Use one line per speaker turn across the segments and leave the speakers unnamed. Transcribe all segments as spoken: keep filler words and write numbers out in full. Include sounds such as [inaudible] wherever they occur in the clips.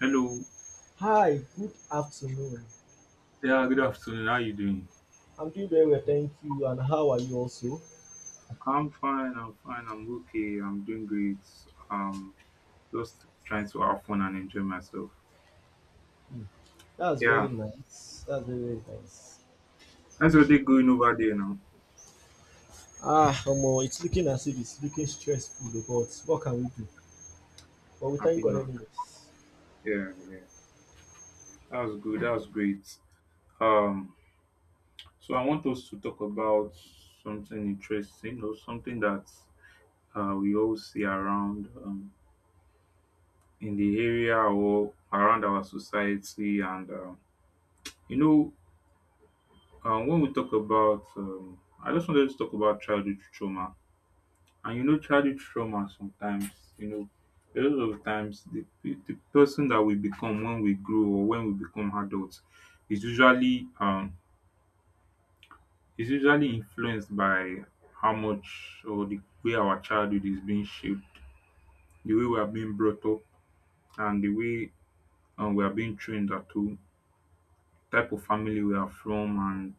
Hello.
Hi, good afternoon.
Yeah, good afternoon. How you doing?
I'm doing very well, thank you. And how are you also?
I'm fine. I'm fine. I'm okay. I'm doing great. Um, just trying to have fun and enjoy myself.
That's
Yeah,
very nice. That's very, very nice.
that's what they going over there now.
Ah, Omo, it's looking as if it's looking stressful, but what can we do? But we
Happy
thank God
now.
anyways.
Yeah, that was good. That was great. Um, so I want us to talk about something interesting or something that uh, we all see around um, in the area or around our society. And um, you know, Um, when we talk about, um, I just wanted to talk about childhood trauma. And you know, childhood trauma sometimes, you know, a lot of times the, the, the person that we become when we grow or when we become adults is usually um is usually influenced by how much or the way our childhood is being shaped, the way we are being brought up, and the way um, we are being trained at home, type of family we are from,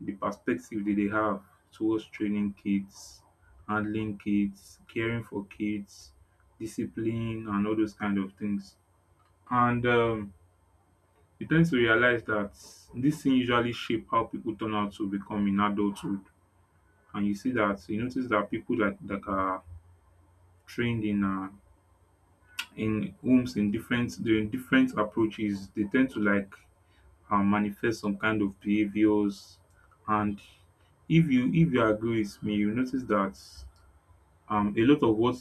the perspective that they have towards training kids, handling kids, caring for kids, discipline, and all those kind of things. And um, you tend to realize that this thing usually shape how people turn out to become in adulthood. And you see that you notice that people that that are trained in uh, in homes in different the different approaches, they tend to like and manifest some kind of behaviors. And if you if you agree with me, you notice that um a lot of what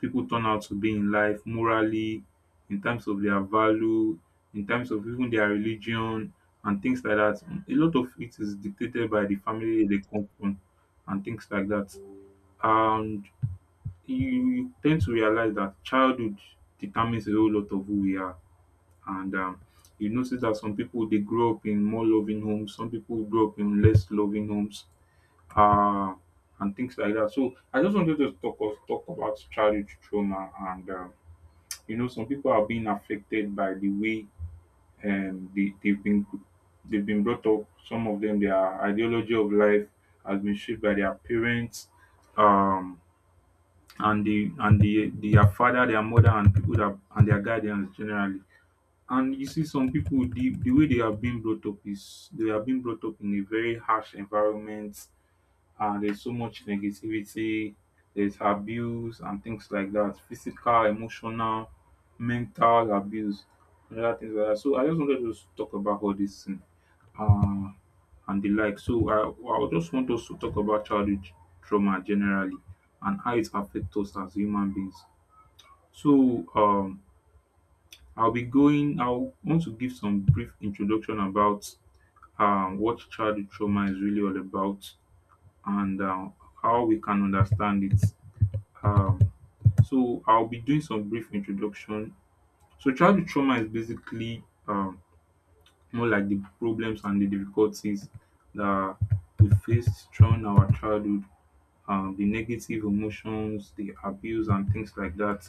people turn out to be in life morally, in terms of their value, in terms of even their religion and things like that. A lot of it is dictated by the family they come from and things like that. And you, you tend to realize that childhood determines a whole lot of who we are and um, you notice that some people they grow up in more loving homes, some people grow up in less loving homes, uh, and things like that. So I just wanted to talk of, talk about childhood trauma, and um, you know, some people are being affected by the way um, they, they've been they've been brought up. Some of them, their ideology of life has been shaped by their parents. Um, and the and the their father, their mother, and people that and their guardians generally and you see, some people, the, the way they are being brought up is they are being brought up in a very harsh environment, and there's so much negativity, there's abuse, and things like that physical, emotional, mental abuse, and other things like that. So, I just wanted to s- talk about all this thing uh, and the like. So, I, I would just want us to talk about childhood trauma generally and how it affects us as human beings. So, um, I'll be going, I'll want to give some brief introduction about um, what childhood trauma is really all about and uh, how we can understand it. Um, so, I'll be doing some brief introduction. So, childhood trauma is basically um, more like the problems and the difficulties that we faced during our childhood, um, the negative emotions, the abuse, and things like that.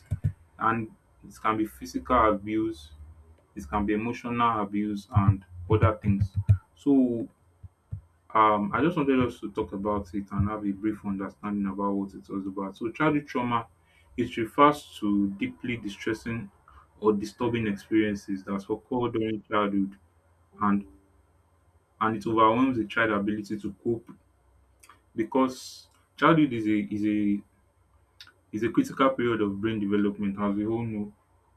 And it can be physical abuse, it can be emotional abuse and other things. So um, I just wanted us to talk about it and have a brief understanding about what it was about. So childhood trauma, it refers to deeply distressing or disturbing experiences that occur during childhood and and it overwhelms the child's ability to cope because childhood is a is a It's a critical period of brain development as we all know.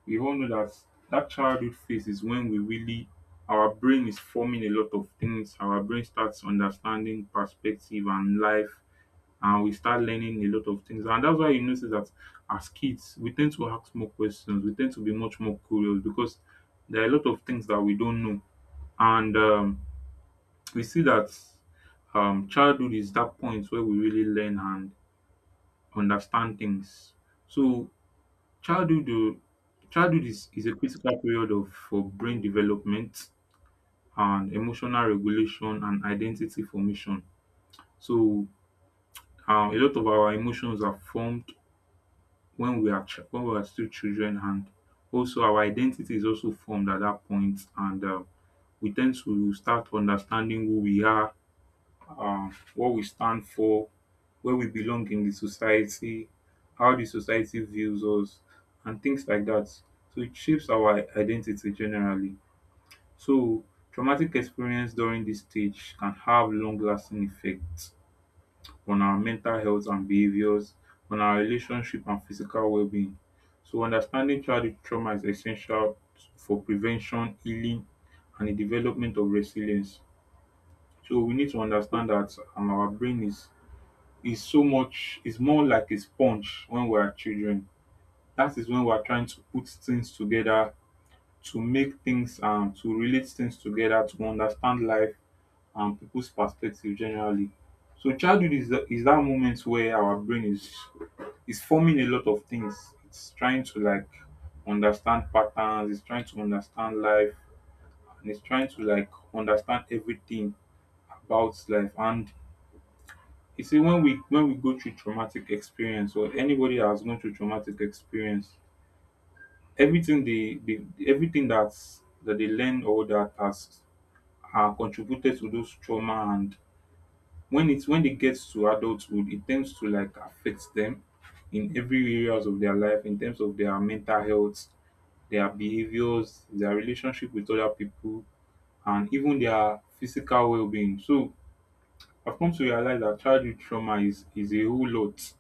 We all know that that childhood phase is when we really our brain is forming a lot of things. Our brain starts understanding perspective and life and we start learning a lot of things. And that's why you notice that as kids we tend to ask more questions. We tend to be much more curious because there are a lot of things that we don't know. And um, we see that um, childhood is that point where we really learn and understand things. So Childhood oh, childhood is, is a critical period of for brain development and emotional regulation and identity formation. So um, a lot of our emotions are formed when we are ch- when we are still children, and also our identity is also formed at that point, and uh, we tend to start understanding who we are, um, what we stand for, where we belong in the society, how the society views us, and things like that. So it shapes our identity generally. So traumatic experience during this stage can have long-lasting effects on our mental health and behaviors, on our relationship and physical well-being. So understanding childhood trauma is essential for prevention, healing, and the development of resilience. So we need to understand that um, our brain is is so much is more like a sponge when we are children. That is when we are trying to put things together, to make things um to relate things together, to understand life and people's perspective generally. So childhood is the, is that moment where our brain is is forming a lot of things. It's trying to like understand patterns, it's trying to understand life, and it's trying to like understand everything about life and you see when we when we go through traumatic experience or anybody that has gone through traumatic experience, everything they, they everything that's that they learn or that has uh, contributed to those trauma and when it's when it gets to adulthood, it tends to like affect them in every areas of their life in terms of their mental health, their behaviors, their relationship with other people, and even their physical well-being. So I've come to realize that childhood trauma is is a whole lot.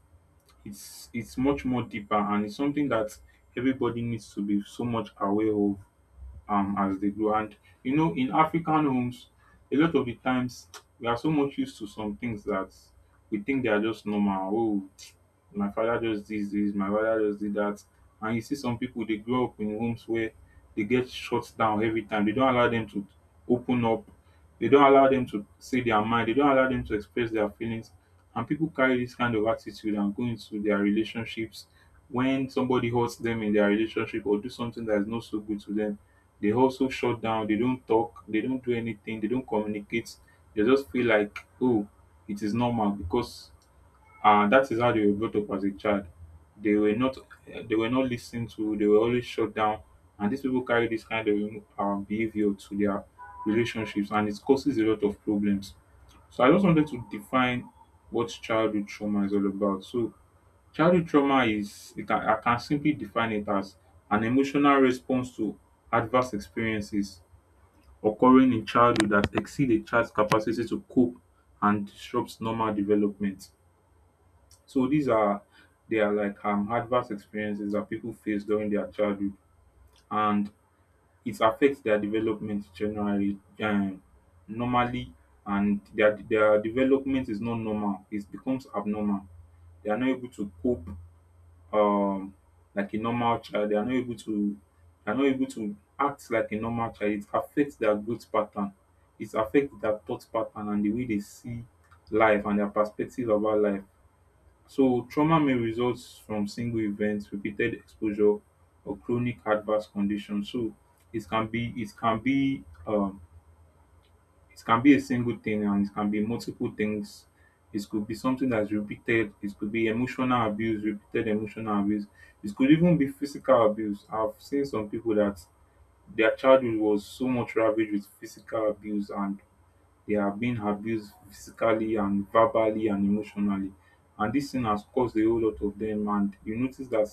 it's it's much more deeper and it's something that everybody needs to be so much aware of um as they grow. And you know, in African homes, a lot of the times we are so much used to some things that we think they are just normal. Oh, [tsk] my father just did this, my father just did that. And you see some people they grow up in homes where they get shut down every time. They don't allow them to open up. They don't allow them to say their mind. They don't allow them to express their feelings. And people carry this kind of attitude and go into their relationships when somebody hurts them in their relationship or do something that is not so good to them they also shut down. They don't talk. They don't do anything. They don't communicate. They just feel like, oh, it is normal because uh, that is how they were brought up as a child. They were not, they were not listened to. They were always shut down, and these people carry this kind of um, behavior to their relationships, and it causes a lot of problems. So I just wanted to define what childhood trauma is all about. So childhood trauma is it can I can simply define it as an emotional response to adverse experiences occurring in childhood that exceed a child's capacity to cope and disrupts normal development. So these are they are like um adverse experiences that people face during their childhood and it affects their development generally um, normally and their their development is not normal. It becomes abnormal. They are not able to cope um like a normal child. They are not able to they are not able to act like a normal child. It affects their growth pattern. It affects their thought pattern and the way they see life and their perspective about life. So trauma may result from single events, repeated exposure or chronic adverse conditions. So it can be it can be um it can be a single thing and it can be multiple things. It could be something that's repeated. It could be emotional abuse, repeated emotional abuse. It could even be physical abuse. I've seen some people that their childhood was so much ravaged with physical abuse and they have been abused physically and verbally and emotionally. And this thing has caused a whole lot of them. And you notice that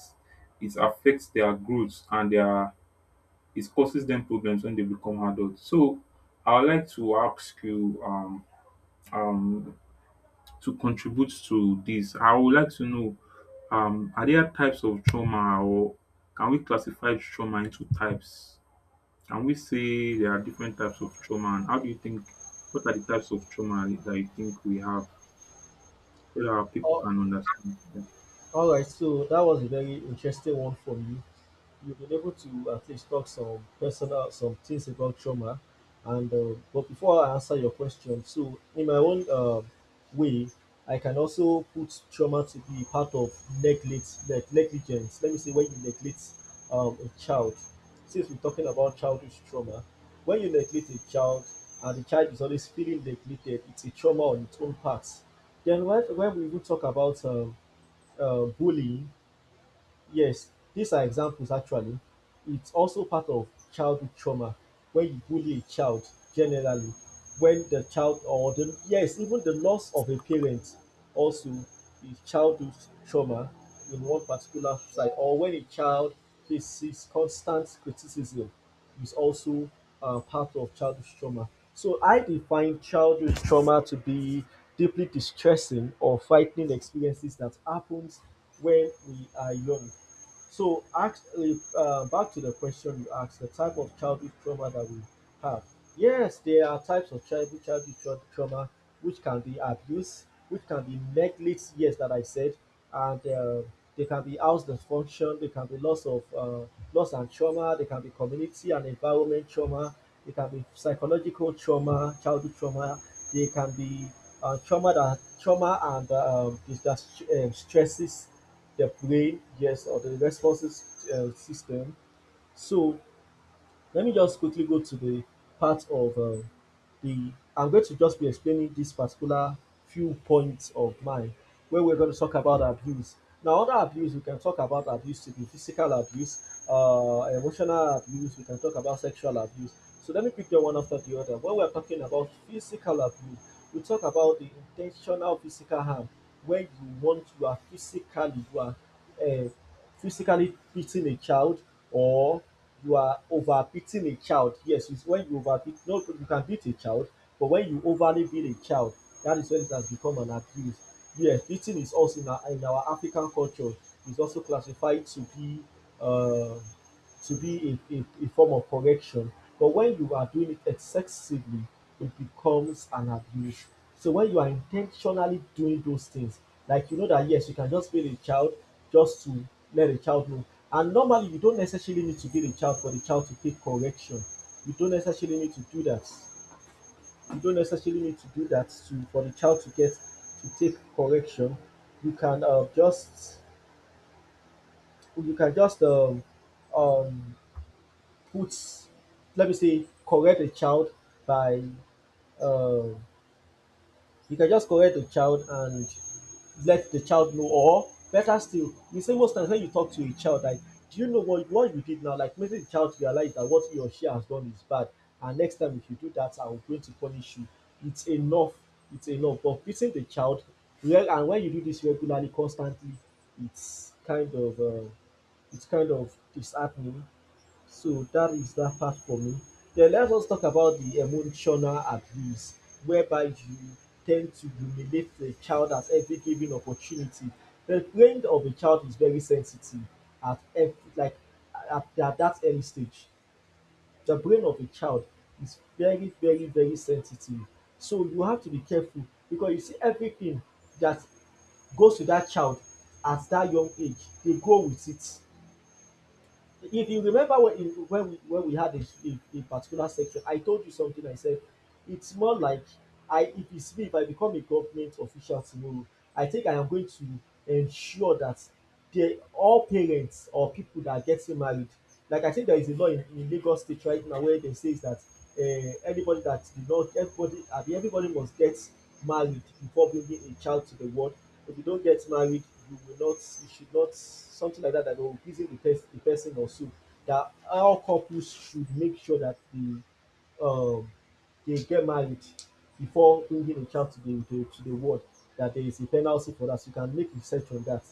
it affects their growth and their it causes them problems when they become adults. So I would like to ask you um um to contribute to this. I would like to know um are there types of trauma or can we classify trauma into types? Can we say there are different types of trauma and how do you think what are the types of trauma that you think we have so that our people
Oh,
can understand? Yeah.
all right, so that was a very interesting one from you. You've been able to at least talk some personal some things about trauma and uh, but before I answer your question, so in my own uh, way, I can also put trauma to be part of neglect, like negligence, let me say. When you neglect um, a child, since we're talking about childhood trauma, when you neglect a child and the child is always feeling neglected, it's a trauma on its own part. Then when, when we even talk about um, uh, bullying. Yes, these are examples actually. It's also part of childhood trauma when you bully a child generally, when the child or the, yes, even the loss of a parent also is childhood trauma in one particular side, or when a child faces constant criticism is also uh, part of childhood trauma. So I define childhood trauma to be deeply distressing or frightening experiences that happens when we are young. So, ask uh, back to the question you asked, the type of childhood trauma that we have. Yes, there are types of childhood, childhood tra- trauma, which can be abuse, which can be neglect, yes, that I said, and uh, they can be house dysfunction, they can be loss of uh, loss and trauma, they can be community and environment trauma, they can be psychological trauma, childhood trauma, they can be uh, trauma that trauma and uh, um, dis- that, um, stresses the brain, yes, or the responses uh, system. So let me just quickly go to the part of um, the. I'm going to just be explaining this particular few points of mine where we're going to talk about abuse. Now, other abuse, we can talk about abuse to be physical abuse, uh, emotional abuse, we can talk about sexual abuse. So let me pick the one after the other. When we're talking about physical abuse, we talk about the intentional physical harm where you want you are physically you are uh, physically beating a child or you are over beating a child. Yes, it's when you over beat, no, you can beat a child, but when you overly beat a child, that is when it has become an abuse. Yes, beating is also in our, in our African culture is also classified to be uh, to be a, a, a form of correction. But when you are doing it excessively, it becomes an abuse. So when you are intentionally doing those things, like, you know that, yes, you can just build a child just to let a child know. And normally you don't necessarily need to build a child for the child to take correction. You don't necessarily need to do that. You don't necessarily need to do that to for the child to get to take correction. You can uh, just you can just um, um, put, let me say, correct a child by um, you can just correct the child and let the child know, or better still, you see most times when you talk to a child like, do you know what what you did now, like making the child realize that what he or she has done is bad, and next time if you do that I'm going to punish you, it's enough, it's enough. But beating the child, well, and when you do this regularly constantly, it's kind of um, it's kind of disheartening. So that is that part for me. Then let us talk about the emotional abuse, whereby you tend to humiliate a child at every given opportunity. The brain of a child is very sensitive at every, like, at, at that early stage. The brain of a child is very, very, very sensitive. So you have to be careful, because you see everything that goes to that child at that young age, they grow with it. If you remember when in- when we when we had a, a, a particular section, I told you something. I said it's more like, I if it's me if I become a government official tomorrow, I think I am going to ensure that the all parents or people that are getting married, like, I think there is a law in, in Lagos state right now where they says that uh, anybody that did not, everybody, abi, everybody must get married before bringing a child to the world. If you don't get married, you will not, you should not, something like that, that will reason the, pers- the person or so, that how couples should make sure that they um they get married before bringing a child to the to, to the world, that there is a penalty for that, so you can make research on that.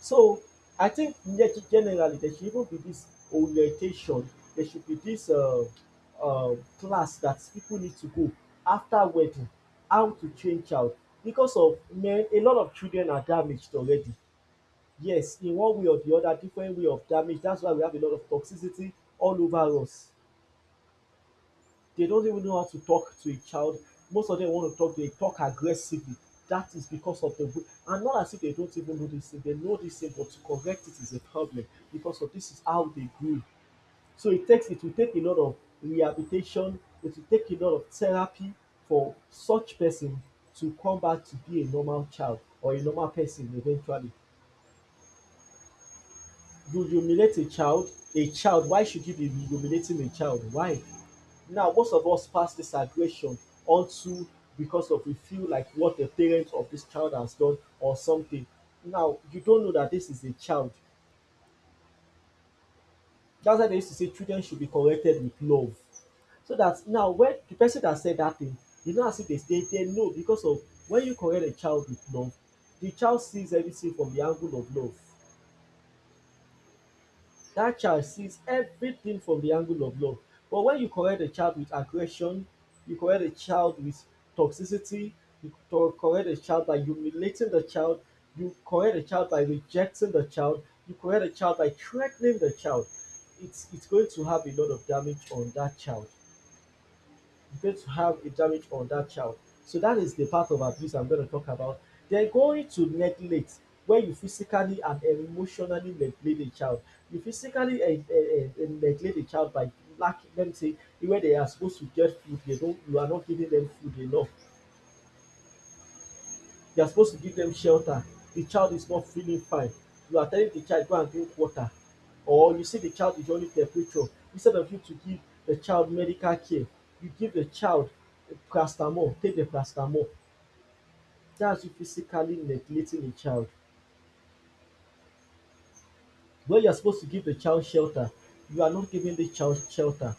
So I think ge- generally there should even be this orientation. There should be this uh, uh, class that people need to go after wedding, how to train child. Because of men, a lot of children are damaged already. Yes, in one way or the other, different way of damage. That's why we have a lot of toxicity all over us. They don't even know how to talk to a child. Most of them want to talk, they talk aggressively. That is because of the way, and not as if they don't even know this thing, they know this thing, but to correct it is a problem because of this is how they grew. So it takes, it will take a lot of rehabilitation, it will take a lot of therapy for such person to come back to be a normal child or a normal person eventually. You humiliate a child, a child, why should you be humiliating a child? Why? Now, most of us pass this aggression onto, because of, we feel like what the parent of this child has done or something. Now, you don't know that this is a child. That's why they used to say children should be corrected with love. So that now, when the person that said that thing, you know, as if they stay there, no, because of, when you correct a child with love, the child sees everything from the angle of love. That child sees everything from the angle of love. But when you correct a child with aggression, you correct a child with toxicity, you to- correct a child by humiliating the child, you correct a child by rejecting the child, you correct a child by threatening the child, it's it's going to have a lot of damage on that child. Going to have a damage on that child. So that is the part of abuse I'm going to talk about. Then going to neglect, where you physically and emotionally neglect a child. You physically eh, eh, eh, eh, neglect a child by lacking, let me say, where they are supposed to get food, they don't, you are not giving them food enough. You are supposed to give them shelter. The child is not feeling fine. You are telling the child, go and drink water. Or you see the child is running temperature. Instead of you to give the child medical care, you give the child paracetamol, take the paracetamol. That's you physically neglecting the child. Where you are supposed to give the child shelter, you are not giving the child shelter.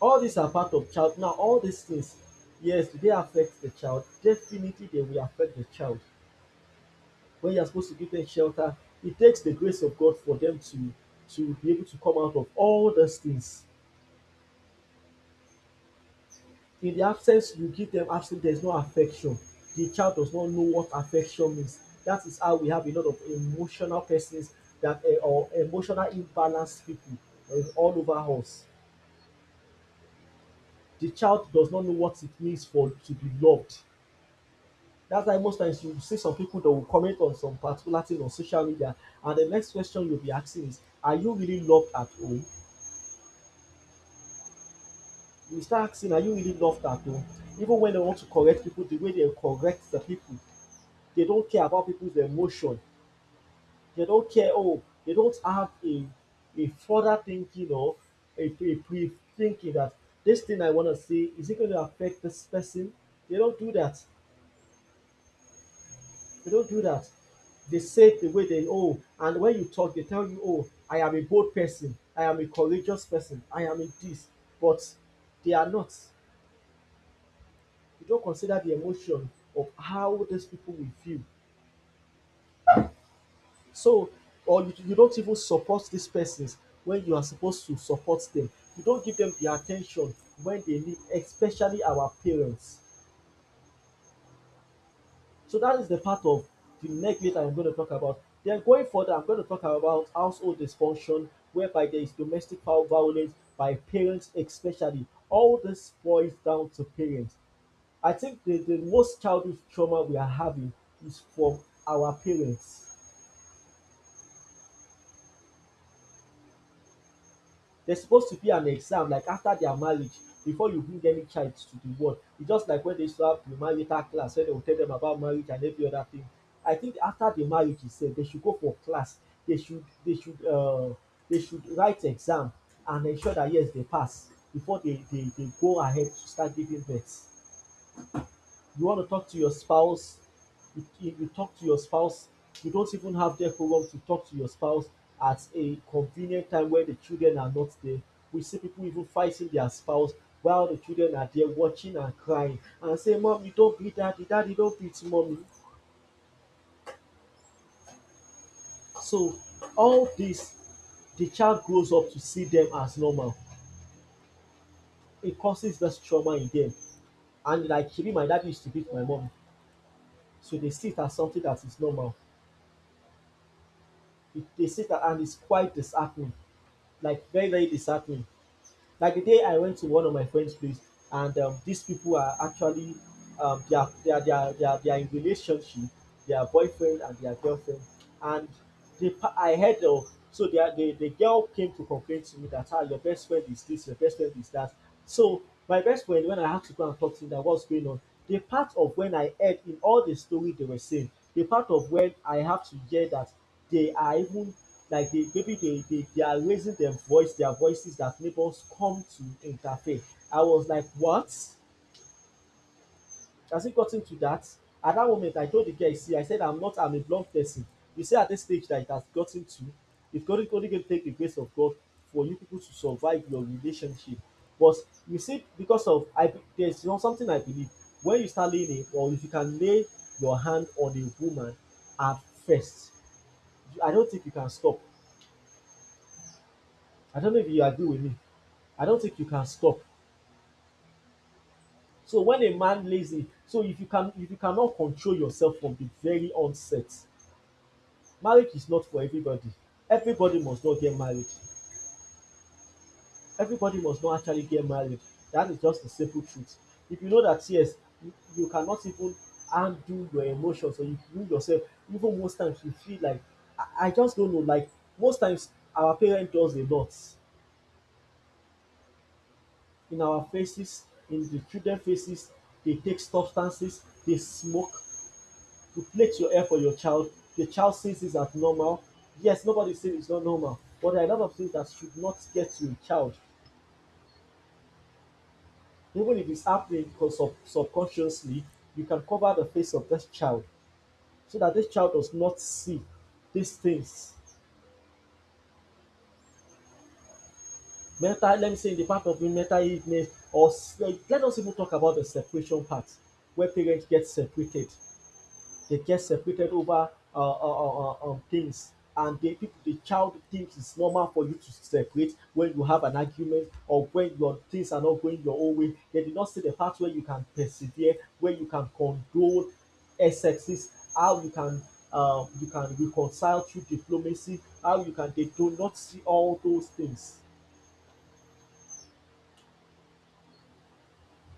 All these are part of child. Now, all these things, yes, do they affect the child? Definitely, they will affect the child. When you are supposed to give them shelter, it takes the grace of God for them to to be able to come out of all those things. In the absence, you give them absence, there's no affection. The child does not know what affection means. That is how we have a lot of emotional persons that eh, or emotional imbalanced people eh, all over us. The child does not know what it means for to be loved. That's why most times you see some people that will comment on some particular thing on social media, and the next question you'll be asking is, are you really loved at home? You start asking, na you really love that oh. Even when they want to correct people, the way they correct the people, they don't care about people's emotion. They don't care, oh, they don't have a a further thinking or a, a pre thinking that this thing I want to say, is it going to affect this person? They don't do that. They don't do that. They say it the way they, oh, and when you talk, they tell you, oh, I am a bold person. I am a courageous person. I am a this. But they are not. You don't consider the emotion of how these people will feel. So, or you, you don't even support these persons when you are supposed to support them. You don't give them the attention when they need, especially our parents. So that is the part of the neglect I'm going to talk about. Then going further, I'm going to talk about household dysfunction, whereby there is domestic violence by parents, especially. All this boils down to parents. I think the, the most childhood trauma we are having is from our parents. There's supposed to be an exam like after their marriage before you bring any child to the world. It's just like when they used to have the marital class where they will tell them about marriage and every other thing. I think after the marriage itself, they should go for class. They should they should uh, they should write exam and ensure that yes they pass before they, they, they go ahead to start giving birth. You want to talk to your spouse, you, you talk to your spouse, you don't even have that program to talk to your spouse at a convenient time where the children are not there. We see people even fighting their spouse while the children are there watching and crying and say mom you don't beat daddy, daddy don't beat mommy. So all this, the child grows up to see them as normal. It causes this trauma in them, and like she my dad used to beat my mom, so they see it as something that is normal. It, they see that and it's quite disheartening, like very very disheartening. Like the day I went to one of my friend's place, and um, these people are actually um, they are they are they are they are, they are in relationship, they are boyfriend and they are girlfriend, and the pa- I heard of so they are, the the girl came to complain to me that ah your best friend is this, your best friend is that. So my best friend, when I had to go and talk to him that what's going on, the part of when I heard in all the story they were saying, the part of when I have to hear that they are even like they maybe they, they they are raising their voice their voices that neighbors come to interfere. I was like what, has it gotten to that? At that moment I told the guy, see I said I'm not I'm a blunt person. You see at this stage that it has gotten to, if god is only going to take the grace of god for you people to survive your relationship, but you see because of I, there's you know, something I believe, when you start laying a- or if you can lay your hand on a woman at first, I don't think you can stop. I don't know if you agree with me. I don't think you can stop. So when a man lays it, so if you can if you cannot control yourself from the very onset, marriage is not for everybody. Everybody must not get married. Everybody must not actually get married. That is just the simple truth. If you know that yes, you, you cannot even undo your emotions or you you yourself, even most times you feel like I, I just don't know, like most times our parents does a lot in our faces, in the children faces, they take substances, they smoke, you plait your hair for your child, the child sees this as normal. Yes, nobody says it's not normal, but there are a lot of things that should not get to a child. Even if it's happening, because sub- subconsciously, you can cover the face of this child so that this child does not see these things. Mental, let me say, in the part of mental illness, or s- like, let us even talk about the separation part where parents get separated. They get separated over uh, uh, uh, uh, um, things, and the people, the child thinks it's normal for you to separate when you have an argument or when your things are not going your own way. They did not see the part where you can persevere, where you can condone excesses, how you can um, you can reconcile through diplomacy, how you can, they do not see all those things.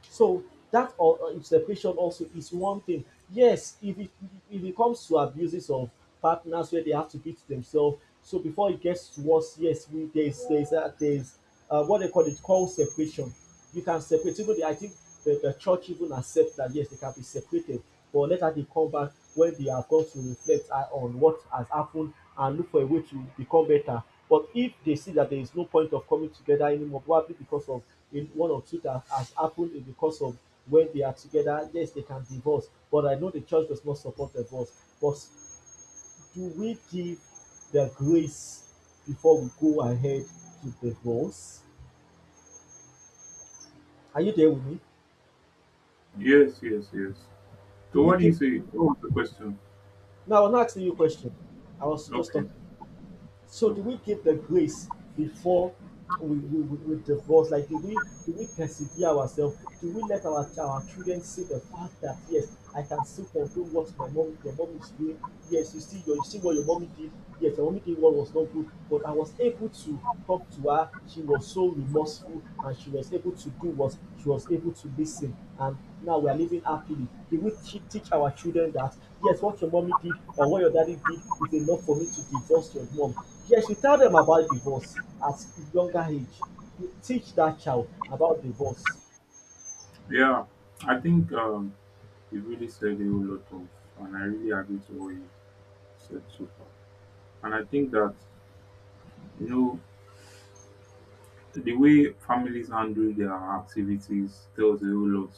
So that or uh, separation also is one thing. Yes, if it if it comes to abuses of partners where they have to beat themselves, so before it gets worse, yes, we there's there's uh, there's uh, what they call it called separation. You can separate. Even the, I think the, the church even accept that yes, they can be separated, but later they come back when they have got to reflect uh, on what has happened and look for a way to become better. But if they see that there is no point of coming together anymore, probably because of in one or two that has happened in the course of when they are together, yes, they can divorce. But I know the church does not support divorce. But do we give the grace before we go ahead to divorce? Are you there with me?
Yes, yes, yes.
Do
So
we
what do you
give?
say? What was the question?
Now, I'm not asking you a question. I was just
Okay.
talking. So
Okay.
do we give the grace before we, we, we, we divorce? Like do we do we persevere ourselves? Do we let our our children see the fact that yes, I can still control what my mom your mom is doing. Yes, you see your you see what your mommy did. Yes, your mommy did what was not good, but I was able to talk to her. She was so remorseful and she was able to do what she was able to listen, and now we are living happily. They will te- teach our children that, yes, what your mommy did or what your daddy did is enough for me to divorce your mom. Yes, you tell them about divorce at a younger age. You teach that child about divorce.
Yeah. I think um you really said a whole lot of and I really agree to what you said so far. And I think that you know, the way families handle their activities tells a whole lot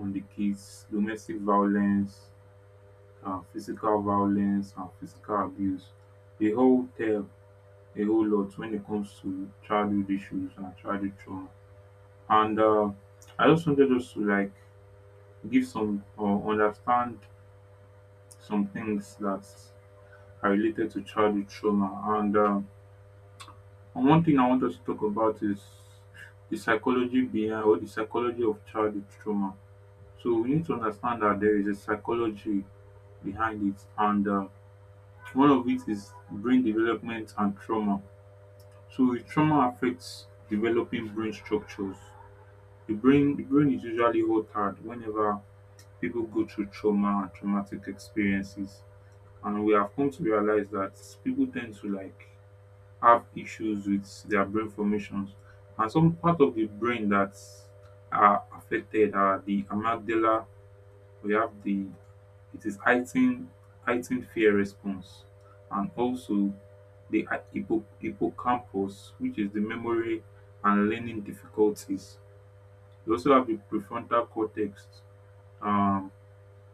on the kids. Domestic violence, uh, physical violence, and physical abuse. They all tell a whole lot when it comes to childhood issues and childhood trauma. And uh, I just wanted us to like give some or understand some things that are related to childhood trauma. And uh, And one thing I want us to talk about is the psychology behind or the psychology of childhood trauma. So we need to understand that there is a psychology behind it, and uh, one of it is brain development and trauma. So if trauma affects developing brain structures. The brain, the brain is usually altered whenever people go through trauma and traumatic experiences, and we have come to realize that people tend to like have issues with their brain formations and some part of the brain that are affected are the amygdala, we have the, it is heightened, heightened fear response, and also the hy- hippo, hippocampus, which is the memory and learning difficulties. We also have the prefrontal cortex, um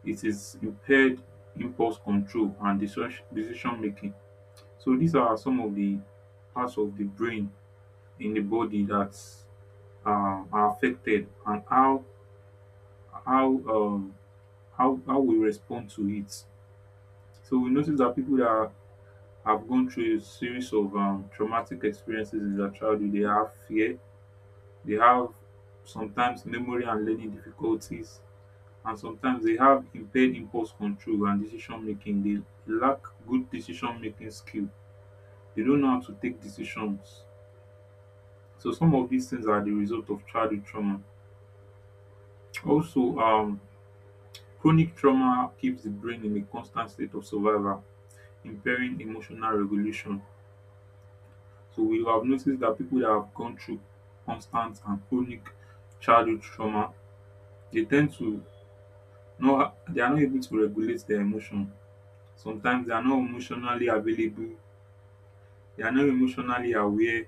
it is impaired impulse control and decision decision making. So these are some of the parts of the brain in the body that um, are affected and how how um how how we respond to it. So we notice that people that are- have gone through a series of um, traumatic experiences in their childhood, they have fear, they have sometimes memory and learning difficulties, and sometimes they have impaired impulse control and decision making. They lack good decision making skill. They don't know how to take decisions. So some of these things are the result of childhood trauma. Also, um, chronic trauma keeps the brain in a constant state of survival, impairing emotional regulation. So we have noticed that people that have gone through constant and chronic childhood trauma, they tend to not they are not able to regulate their emotion. Sometimes they are not emotionally available, they are not emotionally aware,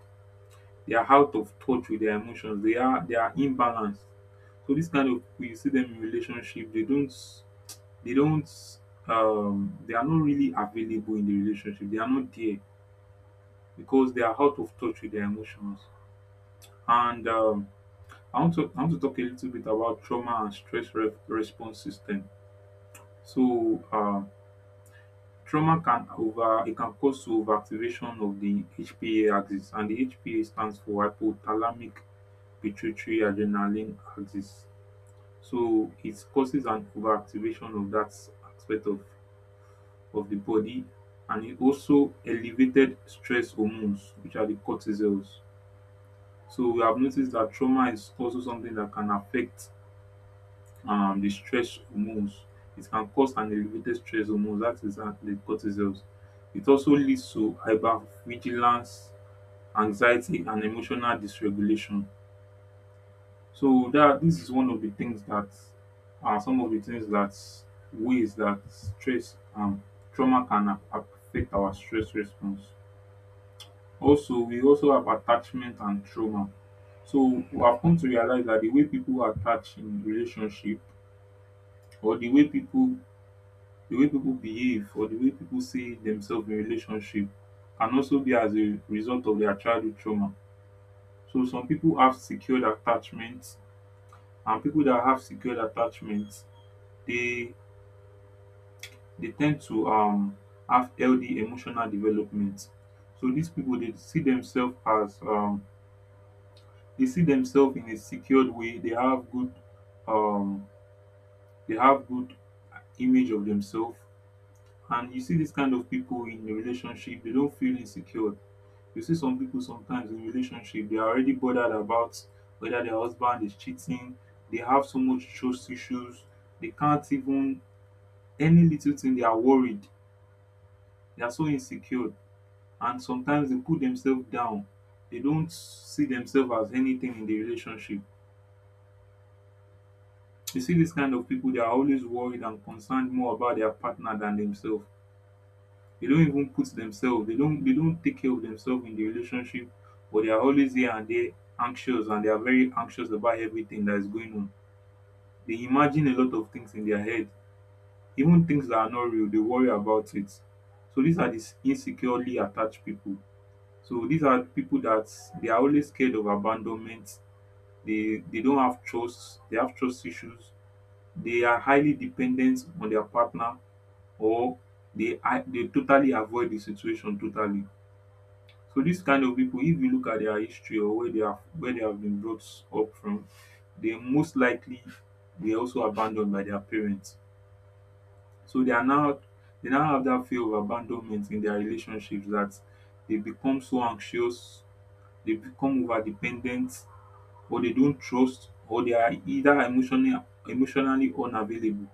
they are out of touch with their emotions, they are they are imbalanced. So this kind of people you see them in relationship, they don't they don't um they are not really available in the relationship. They are not there because they are out of touch with their emotions. And um, I want to I want to talk a little bit about trauma and stress re- response system. So um, trauma can over it can cause overactivation of the H P A axis, and the H P A stands for hypothalamic pituitary adrenaline axis. So it causes an overactivation of that aspect of of the body, and it also elevated stress hormones which are the cortisols. So we have noticed that trauma is also something that can affect um, the stress hormones. It can cause an elevated stress hormones, that is uh, the cortisols. It also leads to hypervigilance, anxiety, and emotional dysregulation. So that this is one of the things that are some of the things that ways that stress and um, trauma can affect our stress response. Also, we also have attachment and trauma. So I've come to realize that the way people attach in relationship or the way people, the way people behave or the way people see themselves in relationship can also be as a result of their childhood trauma. So some people have secured attachments, and people that have secured attachments, they they tend to um have healthy emotional development. So these people they see themselves as um they see themselves in a secured way, they have good, um they have good image of themselves, and you see this kind of people in a relationship they don't feel insecure. You see some people sometimes in relationship they are already bothered about whether their husband is cheating, they have so much trust issues, they can't even, any little thing they are worried, they are so insecure, and sometimes they put themselves down, they don't see themselves as anything in the relationship. You see this kind of people, they are always worried and concerned more about their partner than themselves. They don't even put themselves, they don't they don't take care of themselves in the relationship, but they are always here and there anxious, and they are very anxious about everything that is going on. They imagine a lot of things in their head, even things that are not real, they worry about it. So these are these insecurely attached people. So these are people that they are always scared of abandonment. They they don't have trust, they have trust issues, they are highly dependent on their partner, or they are they totally avoid the situation totally. So this kind of people, if you look at their history or where they have where they have been brought up from, they most likely were also abandoned by their parents. So they are now they now have that fear of abandonment in their relationships that they become so anxious, they become over dependent, or they don't trust or they are either emotionally emotionally unavailable.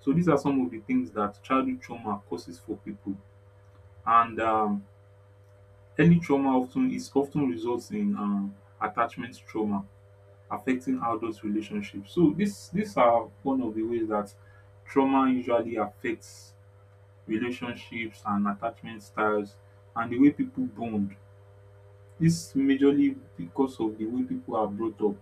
So these are some of the things that childhood trauma causes for people, and um, early trauma often is often results in um, attachment trauma affecting adult relationships. So this these are one of the ways that trauma usually affects relationships and attachment styles and the way people bond. This majorly because of the way people are brought up.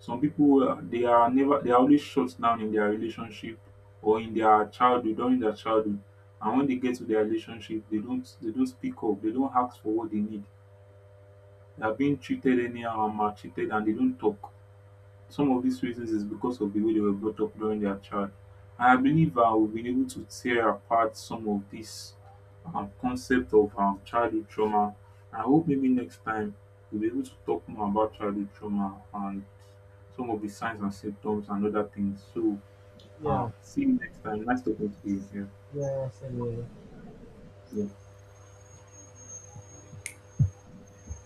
Some people uh, they are never they are always shut down in their relationship or in their childhood during their childhood, and when they get to their relationship, they don't they don't speak up. They don't ask for what they need. They are being treated anyhow and maltreated, and they don't talk. Some of these reasons is because of the way they were brought up during their child. And I believe uh, we've been able to tear apart some of this um, concept of um, childhood trauma. I hope maybe next time we'll be able to talk more about childhood trauma and some of the signs and symptoms and other things. So,
Yeah.
um, see you next time. Nice talking to you. Yeah.
Yes, and, uh,
Yeah.